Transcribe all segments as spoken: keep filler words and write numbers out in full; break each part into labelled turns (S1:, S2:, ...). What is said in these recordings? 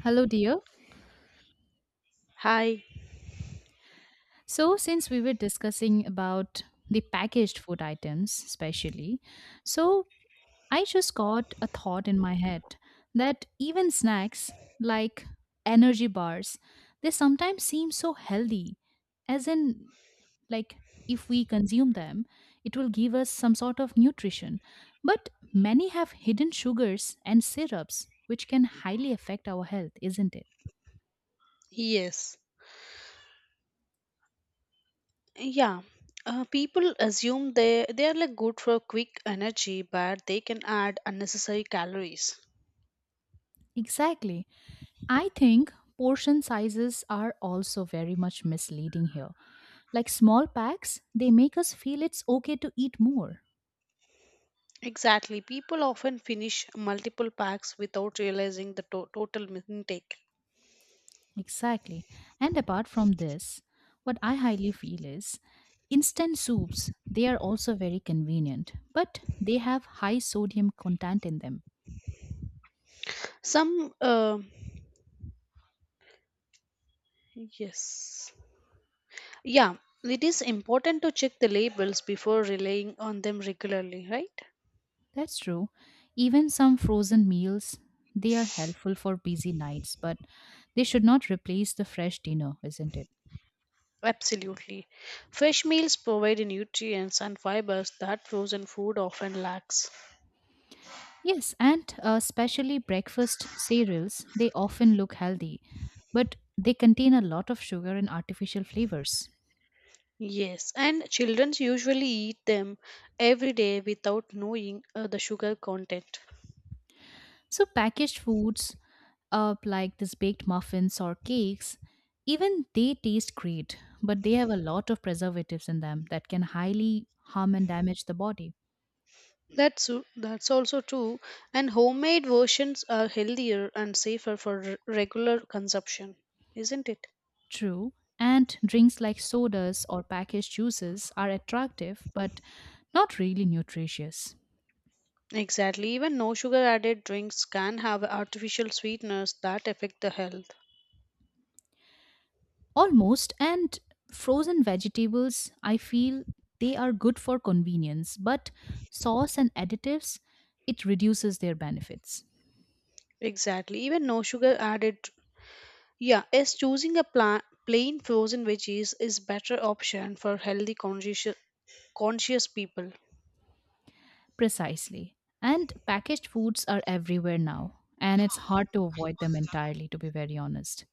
S1: Hello, dear.
S2: Hi.
S1: So, since we were discussing about the packaged food items, especially, so I just got a thought in my head that even snacks like energy bars, they sometimes seem so healthy, as in like if we consume them it will give us some sort of nutrition, but many have hidden sugars and syrups which can highly affect our health, isn't it?
S2: Yes. Yeah. Uh, people assume they they are like good for quick energy, but they can add unnecessary calories.
S1: Exactly. I think portion sizes are also very much misleading here. Like small packs, they make us feel it's okay to eat more.
S2: Exactly. People often finish multiple packs without realizing the to- total mi- intake.
S1: Exactly. And apart from this, what I highly feel is instant soups, they are also very convenient, but they have high sodium content in them.
S2: Some uh, yes. Yeah. It is important to check the labels before relying on them regularly, right?
S1: That's true. Even some frozen meals, they are helpful for busy nights, but they should not replace the fresh dinner, isn't it?
S2: Absolutely. Fresh meals provide nutrients and fibers that frozen food often lacks.
S1: Yes, and uh, especially breakfast cereals, they often look healthy, but they contain a lot of sugar and artificial flavors.
S2: Yes, and children usually eat them every day without knowing uh, the sugar content.
S1: So packaged foods up like this baked muffins or cakes, even they taste great, but they have a lot of preservatives in them that can highly harm and damage the body.
S2: That's su- that's also true. And homemade versions are healthier and safer for r- regular consumption, isn't it?
S1: True. And drinks like sodas or packaged juices are attractive but not really nutritious.
S2: Exactly. Even no sugar added drinks can have artificial sweeteners that affect the health.
S1: Almost, and frozen vegetables, I feel they are good for convenience, but sauce and additives, it reduces their benefits.
S2: Exactly. Even no sugar added. Yeah, as choosing a pla- plain frozen veggies is better option for healthy conscious conscious people.
S1: Precisely. And packaged foods are everywhere now, and it's hard to avoid them entirely, to be very honest.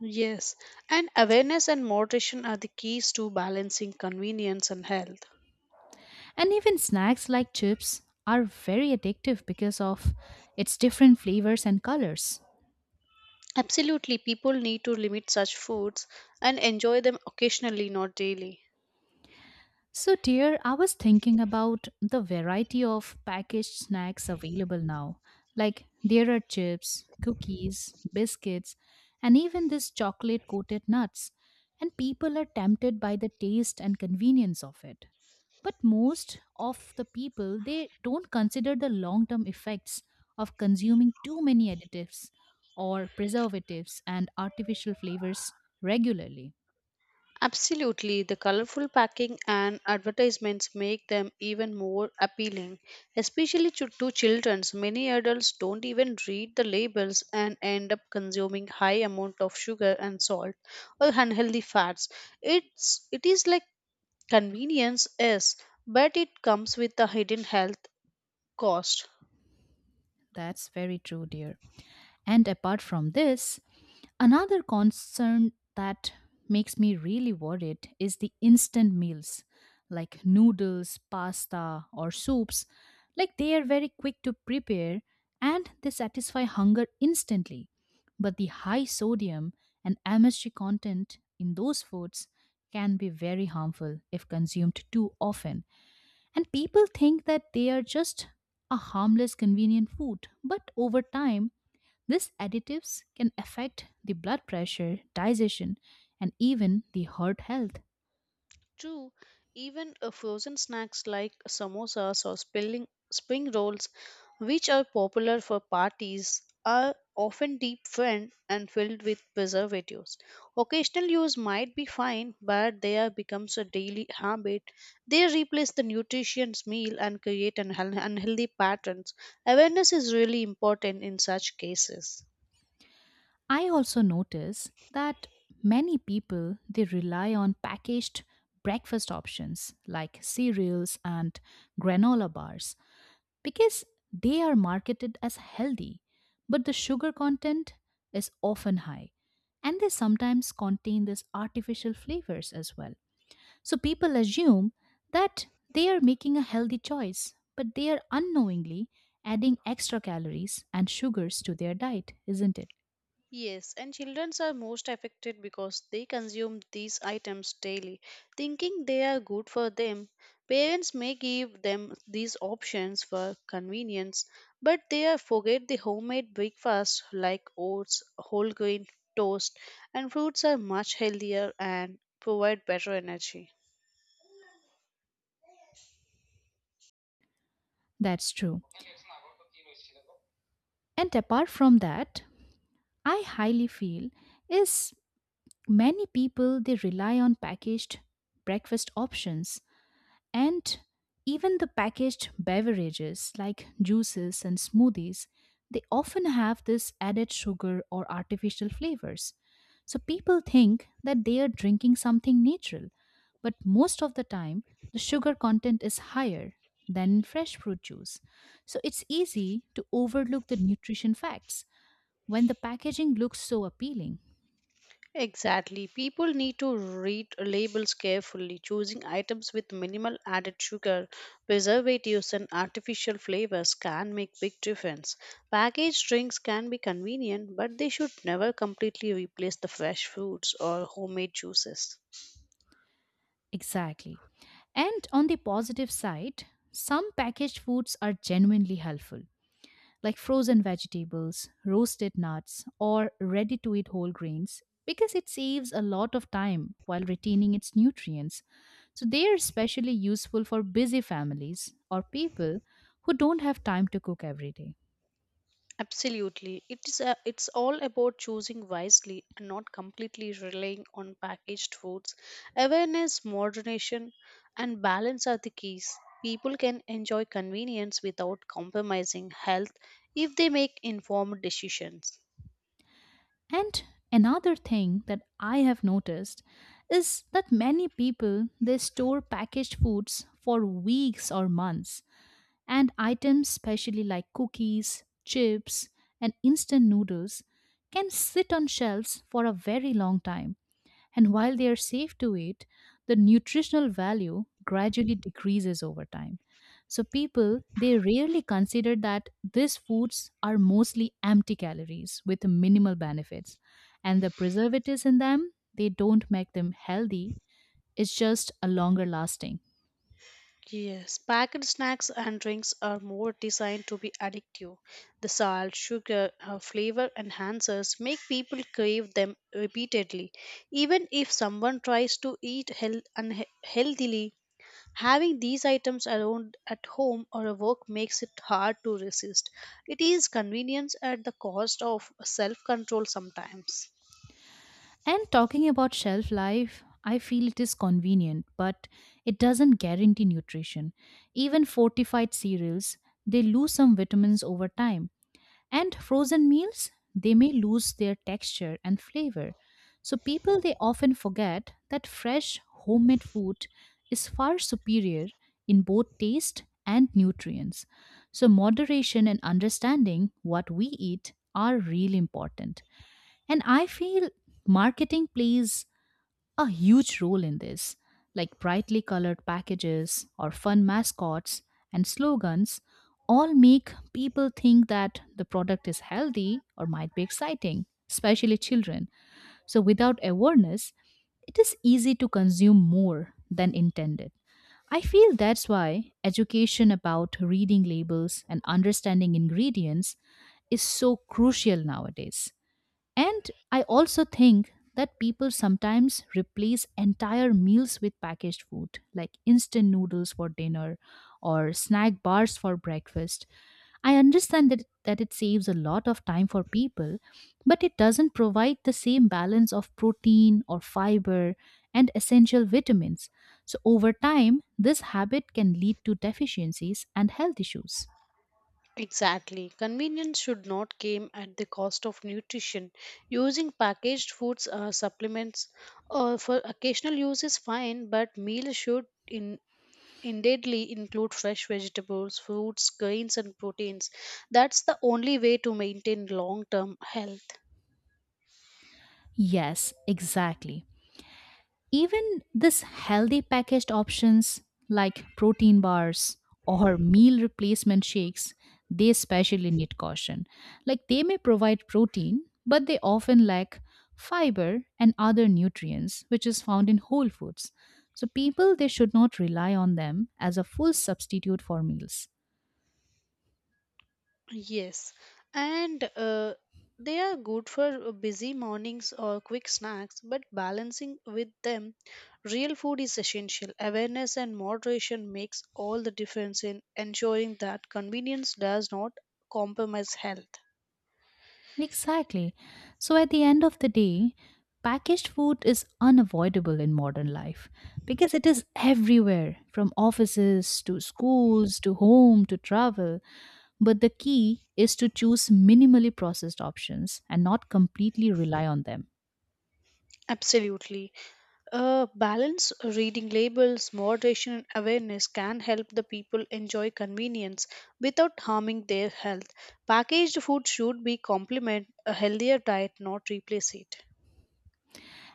S2: Yes, and awareness and moderation are the keys to balancing convenience and health.
S1: And even snacks like chips are very addictive because of its different flavors and colors.
S2: Absolutely, people need to limit such foods and enjoy them occasionally, not daily.
S1: So, dear, I was thinking about the variety of packaged snacks available now. Like, there are chips, cookies, biscuits, and even this chocolate coated nuts. And people are tempted by the taste and convenience of it. But most of the people, they don't consider the long term effects of consuming too many additives or preservatives and artificial flavors regularly.
S2: Absolutely, the colorful packing and advertisements make them even more appealing, especially to, to children. Many adults don't even read the labels and end up consuming high amount of sugar and salt or unhealthy fats. It's it is like convenience is, but it comes with a hidden health cost.
S1: That's very true, dear. And apart from this, another concern that makes me really worried is the instant meals like noodles, pasta, or soups. Like, they are very quick to prepare and they satisfy hunger instantly. But the high sodium and M S G content in those foods can be very harmful if consumed too often. And people think that they are just a harmless, convenient food. But over time, these additives can affect the blood pressure, digestion, and even the heart health.
S2: Two, even uh, frozen snacks like samosas or spilling, spring rolls, which are popular for parties, are often deep fried and filled with preservatives. Occasional use might be fine, but they are becomes a daily habit. They replace the nutritious meal and create an unhealthy patterns. Awareness is really important in such cases.
S1: I also notice that many people they rely on packaged breakfast options like cereals and granola bars because they are marketed as healthy, but the sugar content is often high and they sometimes contain these artificial flavors as well. So people assume that they are making a healthy choice, but they are unknowingly adding extra calories and sugars to their diet, isn't it?
S2: Yes, and children are most affected because they consume these items daily, thinking they are good for them. Parents may give them these options for convenience, but they are forget the homemade breakfast like oats, whole grain toast, and fruits are much healthier and provide better energy.
S1: That's true. And apart from that, I highly feel is many people they rely on packaged breakfast options. And even the packaged beverages like juices and smoothies, they often have this added sugar or artificial flavors. So people think that they are drinking something natural, but most of the time, the sugar content is higher than in fresh fruit juice. So it's easy to overlook the nutrition facts when the packaging looks so appealing.
S2: Exactly. People need to read labels carefully, choosing items with minimal added sugar, preservatives, and artificial flavors can make big difference. Packaged drinks can be convenient, but they should never completely replace the fresh fruits or homemade juices.
S1: Exactly. And on the positive side, some packaged foods are genuinely helpful like frozen vegetables, roasted nuts, or ready to eat whole grains, because it saves a lot of time while retaining its nutrients. So, they are especially useful for busy families or people who don't have time to cook every day.
S2: Absolutely. It is a, it's all about choosing wisely and not completely relying on packaged foods. Awareness, moderation, and balance are the keys. People can enjoy convenience without compromising health if they make informed decisions.
S1: And another thing that I have noticed is that many people they store packaged foods for weeks or months. And items, especially like cookies, chips, and instant noodles, can sit on shelves for a very long time. And while they are safe to eat, the nutritional value gradually decreases over time. So people they rarely consider that these foods are mostly empty calories with minimal benefits, and the preservatives in them they don't make them healthy, it's just a longer lasting.
S2: Yes, packaged snacks and drinks are more designed to be addictive. The salt, sugar, uh, flavor enhancers make people crave them repeatedly. Even if someone tries to eat health- unhealthily, having these items around at home or at work makes it hard to resist. It is convenience at the cost of self control sometimes.
S1: And talking about shelf life, I feel it is convenient, but it doesn't guarantee nutrition. Even fortified cereals, they lose some vitamins over time. And frozen meals, they may lose their texture and flavor. So people they often forget that fresh homemade food is far superior in both taste and nutrients. So moderation and understanding what we eat are really important. And I feel marketing plays a huge role in this. Like brightly colored packages or fun mascots and slogans all make people think that the product is healthy or might be exciting, especially children. So without awareness, it is easy to consume more than intended. I feel that's why education about reading labels and understanding ingredients is so crucial nowadays. And I also think that people sometimes replace entire meals with packaged food, like instant noodles for dinner or snack bars for breakfast. I understand that, that it saves a lot of time for people, but it doesn't provide the same balance of protein or fiber and essential vitamins. So, over time, this habit can lead to deficiencies and health issues.
S2: Exactly. Convenience should not come at the cost of nutrition. Using packaged foods uh, supplements uh, for occasional use is fine, but meals should in indeedly include fresh vegetables, fruits, grains and proteins. That's the only way to maintain long-term health.
S1: Yes, exactly. Even this healthy packaged options like protein bars or meal replacement shakes, they especially need caution. Like, they may provide protein, but they often lack fiber and other nutrients which is found in whole foods. So people they should not rely on them as a full substitute for meals.
S2: Yes, and uh, they are good for uh, busy mornings or quick snacks, but balancing with them, real food is essential. Awareness and moderation makes all the difference in ensuring that convenience does not compromise health.
S1: Exactly. So at the end of the day, packaged food is unavoidable in modern life because it is everywhere, from offices to schools to home to travel. But the key is to choose minimally processed options and not completely rely on them.
S2: Absolutely. Uh, balance reading labels, moderation, and awareness can help the people enjoy convenience without harming their health. Packaged food should be complement a healthier diet, not replace it.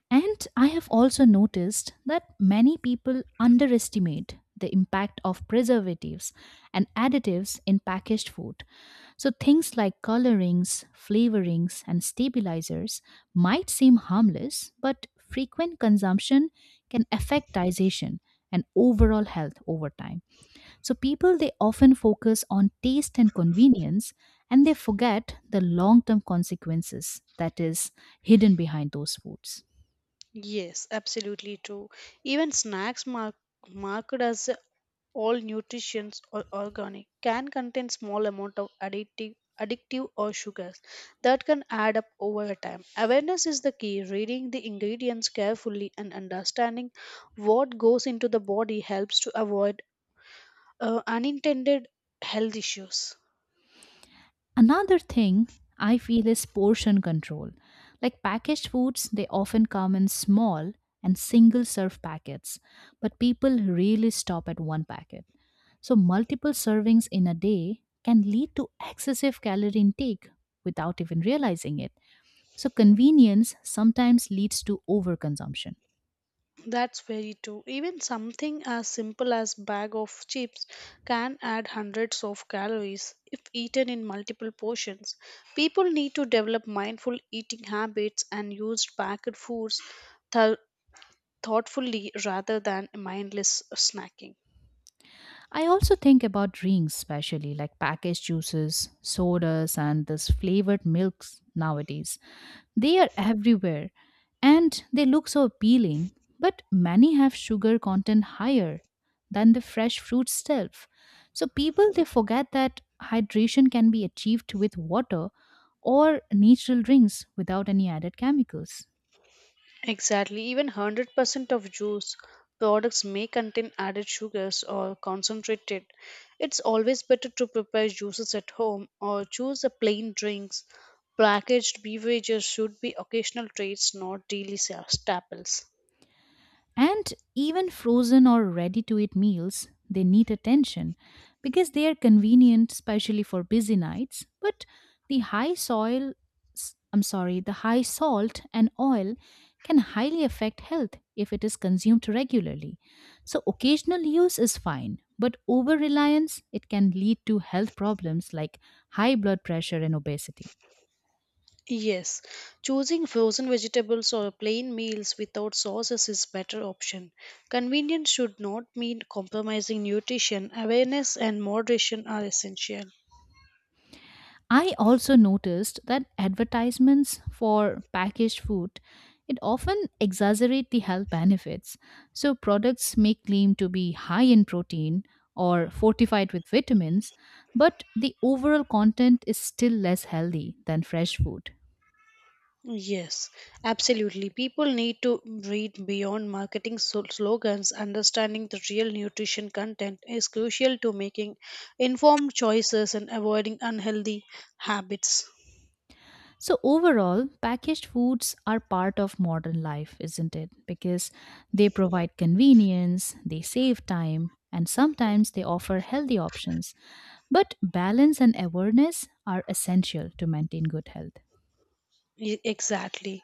S1: And I have also noticed that many people underestimate the impact of preservatives and additives in packaged food. So, things like colorings, flavorings, and stabilizers might seem harmless, but frequent consumption can affect digestion and overall health over time. So, people they often focus on taste and convenience and they forget the long term consequences that is hidden behind those foods.
S2: Yes, absolutely true. Even snacks mark, marked as all nutrients or organic can contain small amount of addictive addictive or sugars that can add up over a time awareness is the key reading the ingredients carefully and understanding what goes into the body helps to avoid uh, unintended health issues.
S1: Another thing I feel is portion control. Like packaged foods, they often come in small and single serve packets, but people really stop at one packet. So, multiple servings in a day can lead to excessive calorie intake without even realizing it. So, convenience sometimes leads to overconsumption.
S2: That's very true. Even something as simple as bag of chips can add hundreds of calories if eaten in multiple portions. People need to develop mindful eating habits and use packed foods th- thoughtfully rather than mindless snacking.
S1: I also think about drinks, especially like packaged juices, sodas, and this flavored milks nowadays. They are everywhere and they look so appealing, but many have sugar content higher than the fresh fruit itself. So people they forget that hydration can be achieved with water or natural drinks without any added chemicals.
S2: Exactly, even one hundred percent of juice products may contain added sugars or concentrated. It's always better to prepare juices at home or choose a plain drinks. Packaged beverages should be occasional treats, not daily sa- staples.
S1: And even frozen or ready to eat meals, they need attention because they are convenient, especially for busy nights. But the high soil, s- I'm sorry, the high salt and oil can highly affect health if it is consumed regularly. So occasional use is fine, but over reliance, it can lead to health problems like high blood pressure and obesity.
S2: Yes, choosing frozen vegetables or plain meals without sauces is better option. Convenience should not mean compromising nutrition. Awareness and moderation are essential.
S1: I also noticed that advertisements for packaged food it often exaggerate the health benefits. So products may claim to be high in protein or fortified with vitamins, but the overall content is still less healthy than fresh food.
S2: Yes, absolutely. People need to read beyond marketing so- slogans. Understanding the real nutrition content is crucial to making informed choices and avoiding unhealthy habits.
S1: So overall, packaged foods are part of modern life, isn't it? Because they provide convenience, they save time, and sometimes they offer healthy options. But balance and awareness are essential to maintain good health.
S2: E- Exactly.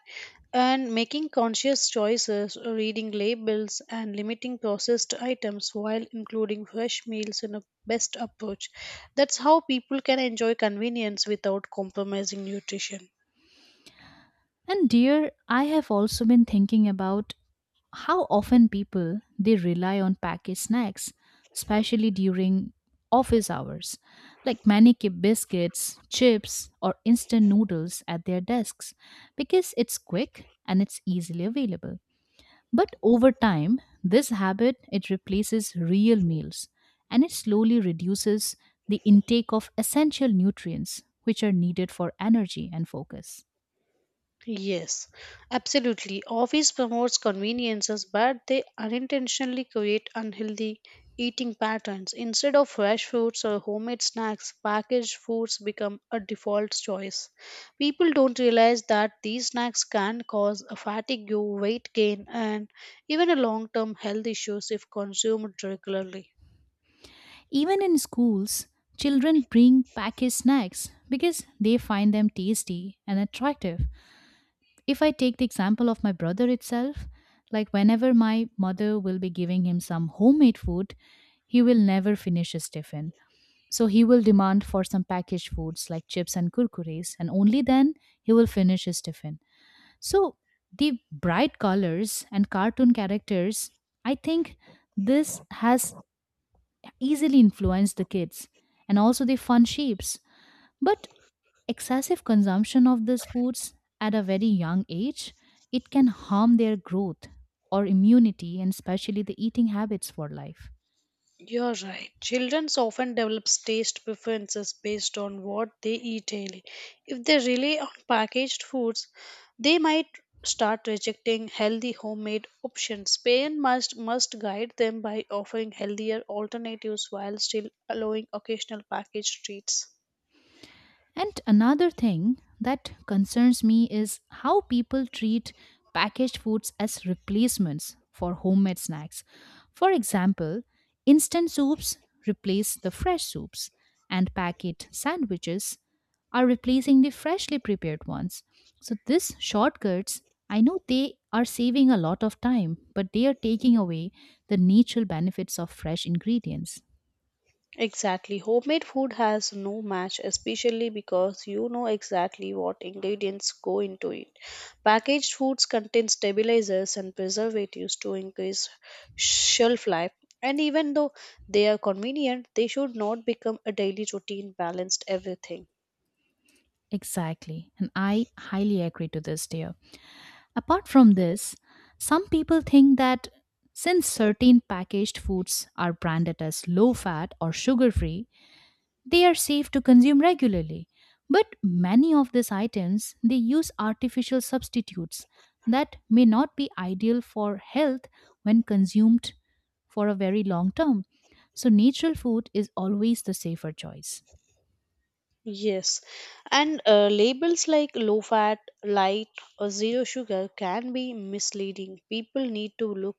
S2: And making conscious choices, reading labels, and limiting processed items while including fresh meals in a best approach. That's how people can enjoy convenience without compromising nutrition.
S1: And dear, I have also been thinking about how often people they rely on packaged snacks, especially during office hours, like many keep biscuits, chips, or instant noodles at their desks because it's quick and it's easily available. But over time, this habit it replaces real meals and it slowly reduces the intake of essential nutrients which are needed for energy and focus.
S2: Yes, absolutely. Office promotes conveniences, but they unintentionally create unhealthy eating patterns. Instead of fresh fruits or homemade snacks, packaged foods become a default choice. People don't realize that these snacks can cause a fatigue, weight gain, and even a long-term health issues if consumed regularly.
S1: Even in schools, children bring packaged snacks because they find them tasty and attractive. If I take the example of my brother itself, like whenever my mother will be giving him some homemade food, he will never finish his tiffin. So he will demand for some packaged foods like chips and kurkures, and only then he will finish his tiffin. So the bright colors and cartoon characters, I think this has easily influenced the kids, and also the fun shapes. But excessive consumption of these foods at a very young age, it can harm their growth or immunity and especially the eating habits for life.
S2: You're right. Children often develop taste preferences based on what they eat daily. If they rely on packaged foods, they might start rejecting healthy homemade options. Parents must, must guide them by offering healthier alternatives while still allowing occasional packaged treats.
S1: And another thing that concerns me is how people treat packaged foods as replacements for homemade snacks. For example, instant soups replace the fresh soups, and packet sandwiches are replacing the freshly prepared ones. So, these shortcuts, I know they are saving a lot of time, but they are taking away the natural benefits of fresh ingredients.
S2: Exactly. Homemade food has no match, especially because you know exactly what ingredients go into it. Packaged foods contain stabilizers and preservatives to increase shelf life. And even though they are convenient, they should not become a daily routine, balanced everything.
S1: Exactly. And I highly agree to this, dear. Apart from this, some people think that since certain packaged foods are branded as low fat or sugar free, they are safe to consume regularly. But many of these items, they use artificial substitutes that may not be ideal for health when consumed for a very long term. So natural food is always the safer choice.
S2: Yes, and uh, labels like low fat, light, or zero sugar can be misleading. People need to look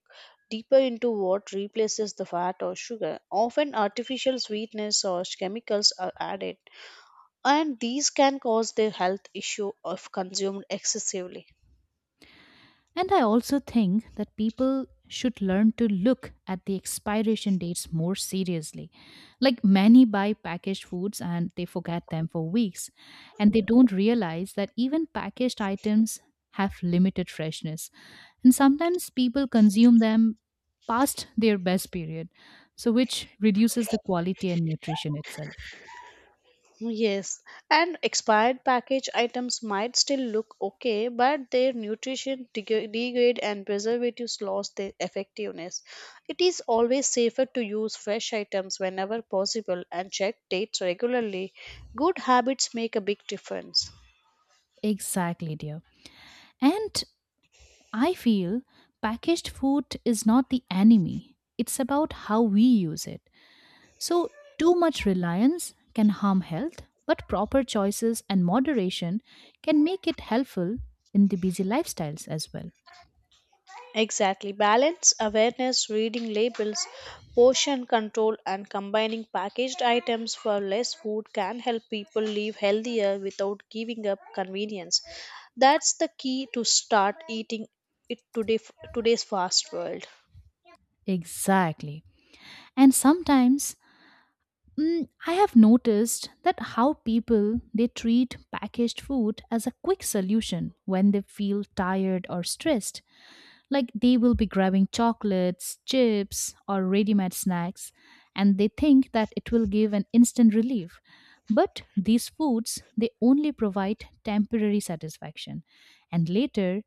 S2: deeper into what replaces the fat or sugar. Often, artificial sweetness or chemicals are added, and these can cause the health issue if consumed excessively.
S1: And I also think that people should learn to look at the expiration dates more seriously. Like, many buy packaged foods and they forget them for weeks, and they don't realize that even packaged items have limited freshness. And sometimes people consume them past their best period, so which reduces the quality and nutrition itself.
S2: Yes, and expired package items might still look okay, but their nutrition deg- degrade and preservatives lost their effectiveness. It is always safer to use fresh items whenever possible and check dates regularly. Good habits make a big difference.
S1: Exactly, dear. And I feel packaged food is not the enemy. It's about how we use it. So, too much reliance can harm health, but proper choices and moderation can make it helpful in the busy lifestyles as well.
S2: Exactly. Balance, awareness, reading labels, portion control, and combining packaged items for less food can help people live healthier without giving up convenience. That's the key to start eating it today today's fast world.
S1: Exactly. And sometimes mm, I have noticed that how people, they treat packaged food as a quick solution when they feel tired or stressed. Like, they will be grabbing chocolates, chips, or ready made snacks, and they think that it will give an instant relief. But these foods, they only provide temporary satisfaction, and later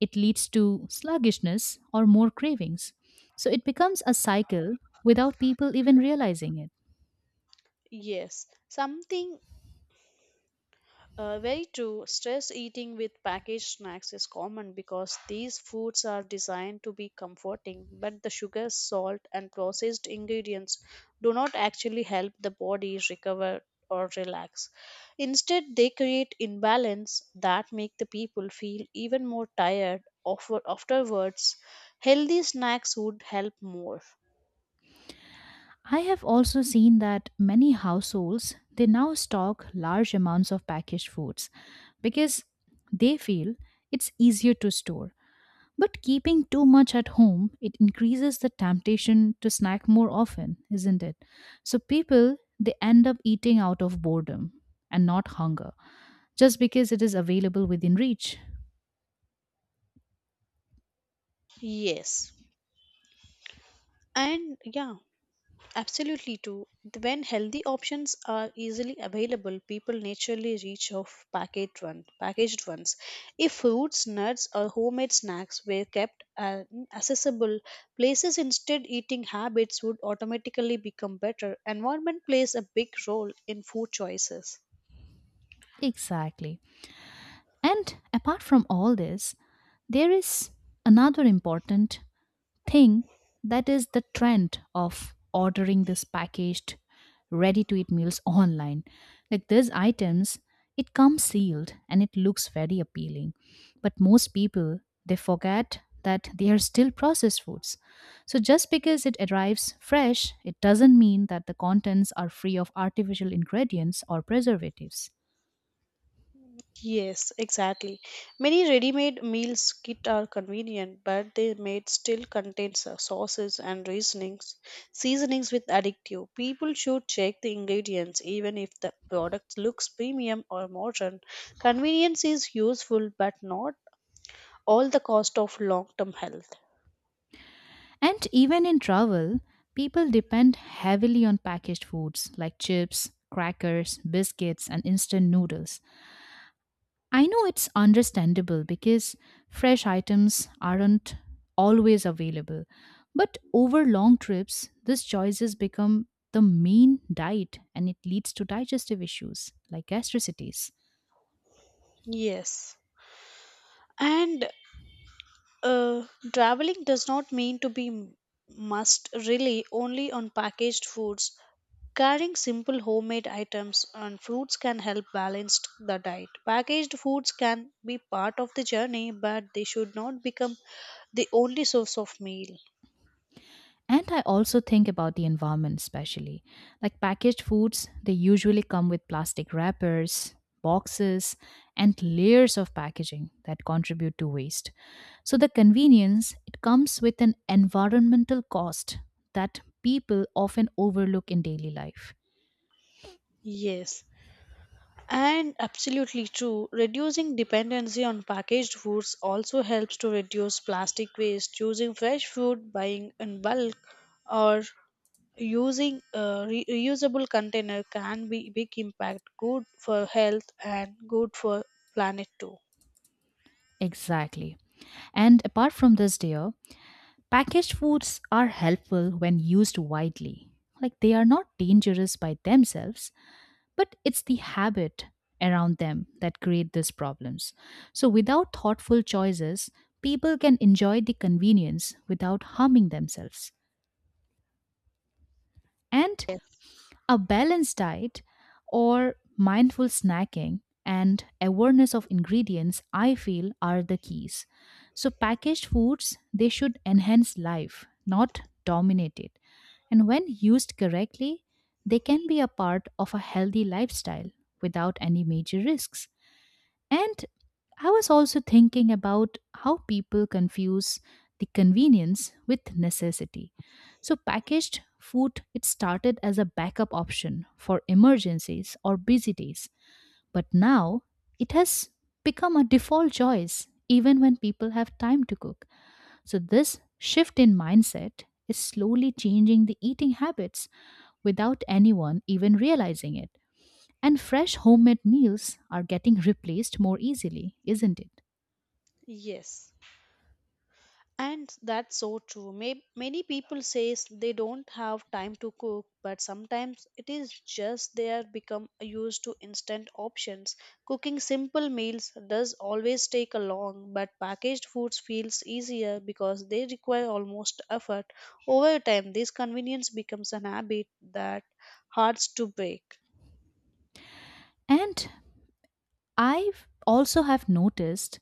S1: it leads to sluggishness or more cravings. So it becomes a cycle without people even realizing it.
S2: Yes, something. Uh, very true. Stress eating with packaged snacks is common because these foods are designed to be comforting, but the sugar, salt, and processed ingredients do not actually help the body recover or relax. Instead, they create imbalance that make the people feel even more tired after- afterwards. Healthy snacks would help more.
S1: I have also seen that many households, they now stock large amounts of packaged foods because they feel it's easier to store. But keeping too much at home, it increases the temptation to snack more often, isn't it? So people, they end up eating out of boredom and not hunger, just because it is available within reach.
S2: Yes. And yeah, absolutely too. When healthy options are easily available, people naturally reach of packaged one, packaged ones. If fruits, nuts, or homemade snacks were kept uh, accessible, places instead eating habits would automatically become better. Environment plays a big role in food choices.
S1: Exactly. And apart from all this, there is another important thing, that is the trend of ordering this packaged ready to eat meals online. Like, these items, it comes sealed and it looks very appealing, but most people, they forget that they are still processed foods. So just because it arrives fresh, it doesn't mean that the contents are free of artificial ingredients or preservatives.
S2: Yes, exactly. Many ready-made meals kit are convenient, but they made still contains uh, sauces and reasonings, seasonings with addictive. People should check the ingredients even if the product looks premium or modern. Convenience is useful, but not all the cost of long-term health.
S1: And even in travel, people depend heavily on packaged foods like chips, crackers, biscuits, and instant noodles. I know it's understandable because fresh items aren't always available. But over long trips, these choices become the main diet and it leads to digestive issues like gastricities.
S2: Yes. And uh, traveling does not mean to be m- must rely only on packaged foods. Carrying simple homemade items and fruits can help balance the diet. Packaged foods can be part of the journey, but they should not become the only source of meal.
S1: And I also think about the environment, especially. Like, packaged foods, they usually come with plastic wrappers, boxes, and layers of packaging that contribute to waste. So the convenience, it comes with an environmental cost that people often overlook in daily life.
S2: Yes, and absolutely true. Reducing dependency on packaged foods also helps to reduce plastic waste. Choosing fresh food, buying in bulk, or using a re- reusable container can be big impact. Good for health and good for planet too.
S1: Exactly. And apart from this, dear, packaged foods are helpful when used widely. Like, they are not dangerous by themselves, but it's the habit around them that create these problems. So without thoughtful choices, people can enjoy the convenience without harming themselves, and a balanced diet or mindful snacking and awareness of ingredients, I feel, are the keys. So packaged foods, they should enhance life, not dominate it. And when used correctly, they can be a part of a healthy lifestyle without any major risks. And I was also thinking about how people confuse the convenience with necessity. So packaged food, it started as a backup option for emergencies or busy days, but now it has become a default choice even when people have time to cook. So this shift in mindset is slowly changing the eating habits without anyone even realizing it. And fresh homemade meals are getting replaced more easily, isn't it?
S2: Yes. And that's so true. May- Many people says they don't have time to cook, but sometimes it is just they are become used to instant options. Cooking simple meals does always take a long, but packaged foods feels easier because they require almost effort. Over time, this convenience becomes an habit that hard to break.
S1: And I've also have noticed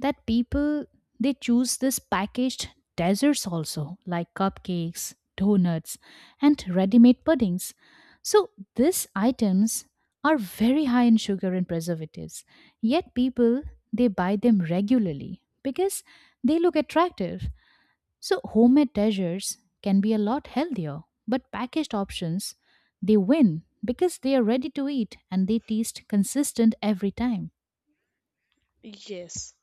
S1: that people, they choose this packaged desserts also, like cupcakes, donuts, and ready-made puddings. So these items are very high in sugar and preservatives. Yet people, they buy them regularly because they look attractive. So, homemade treasures can be a lot healthier, but packaged options, they win because they are ready to eat and they taste consistent every time.
S2: Yes.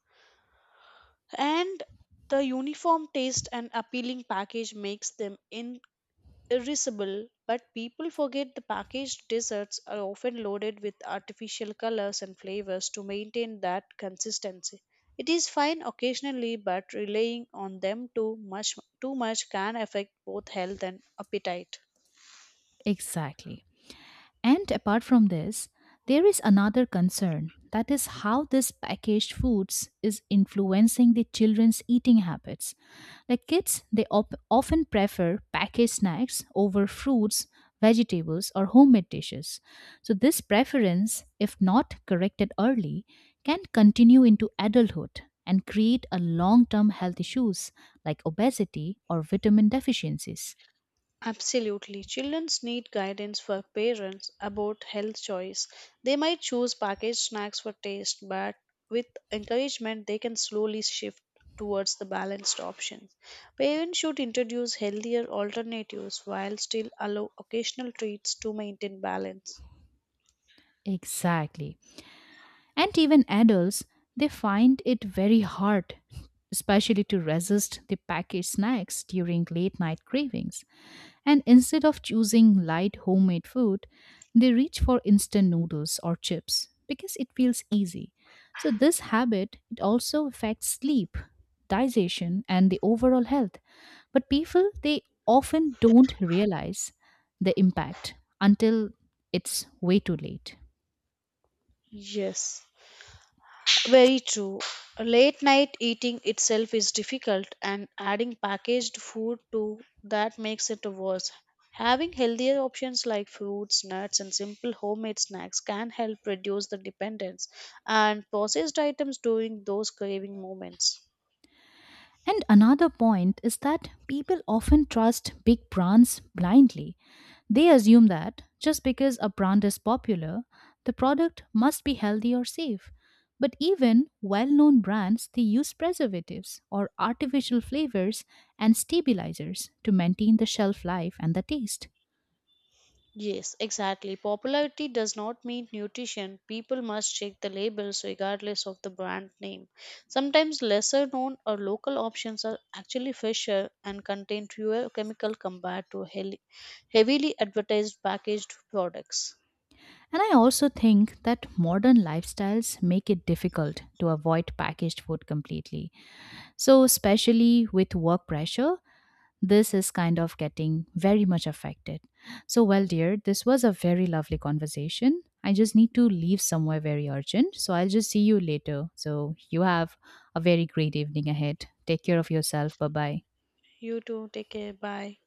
S2: And the uniform taste and appealing package makes them in irascible, but people forget the packaged desserts are often loaded with artificial colors and flavors to maintain that consistency. It is fine occasionally, but relying on them too much too much can affect both health and appetite.
S1: Exactly. And apart from this, there is another concern, that is how this packaged foods is influencing the children's eating habits. Like, kids, they op- often prefer packaged snacks over fruits, vegetables, or homemade dishes. So, this preference, if not corrected early, can continue into adulthood and create a long term health issues like obesity or vitamin deficiencies.
S2: Absolutely. Childrens need guidance for parents about health choice. They might choose packaged snacks for taste, but with encouragement they can slowly shift towards the balanced options. Parents should introduce healthier alternatives while still allow occasional treats to maintain balance.
S1: Exactly. And even adults, they find it very hard, especially to resist the packaged snacks during late night cravings. And instead of choosing light homemade food, they reach for instant noodles or chips because it feels easy. So this habit, it also affects sleep, digestion, and the overall health. But people, they often don't realize the impact until it's way too late.
S2: Yes. Very true. Late night eating itself is difficult, and adding packaged food to that makes it worse. Having healthier options like fruits, nuts, and simple homemade snacks can help reduce the dependence and processed items during those craving moments.
S1: And another point is that people often trust big brands blindly. They assume that just because a brand is popular, the product must be healthy or safe. But even well known brands, they use preservatives or artificial flavors and stabilizers to maintain the shelf life and the taste.
S2: Yes, exactly. Popularity does not mean nutrition. People must check the labels regardless of the brand name. Sometimes lesser known or local options are actually fresher and contain fewer chemical compared to hel- heavily advertised packaged products.
S1: And I also think that modern lifestyles make it difficult to avoid packaged food completely. So, especially with work pressure, this is kind of getting very much affected. So, well, dear, this was a very lovely conversation. I just need to leave somewhere very urgent. So, I'll just see you later. So, you have a very great evening ahead. Take care of yourself. Bye bye.
S2: You too, take care. Bye.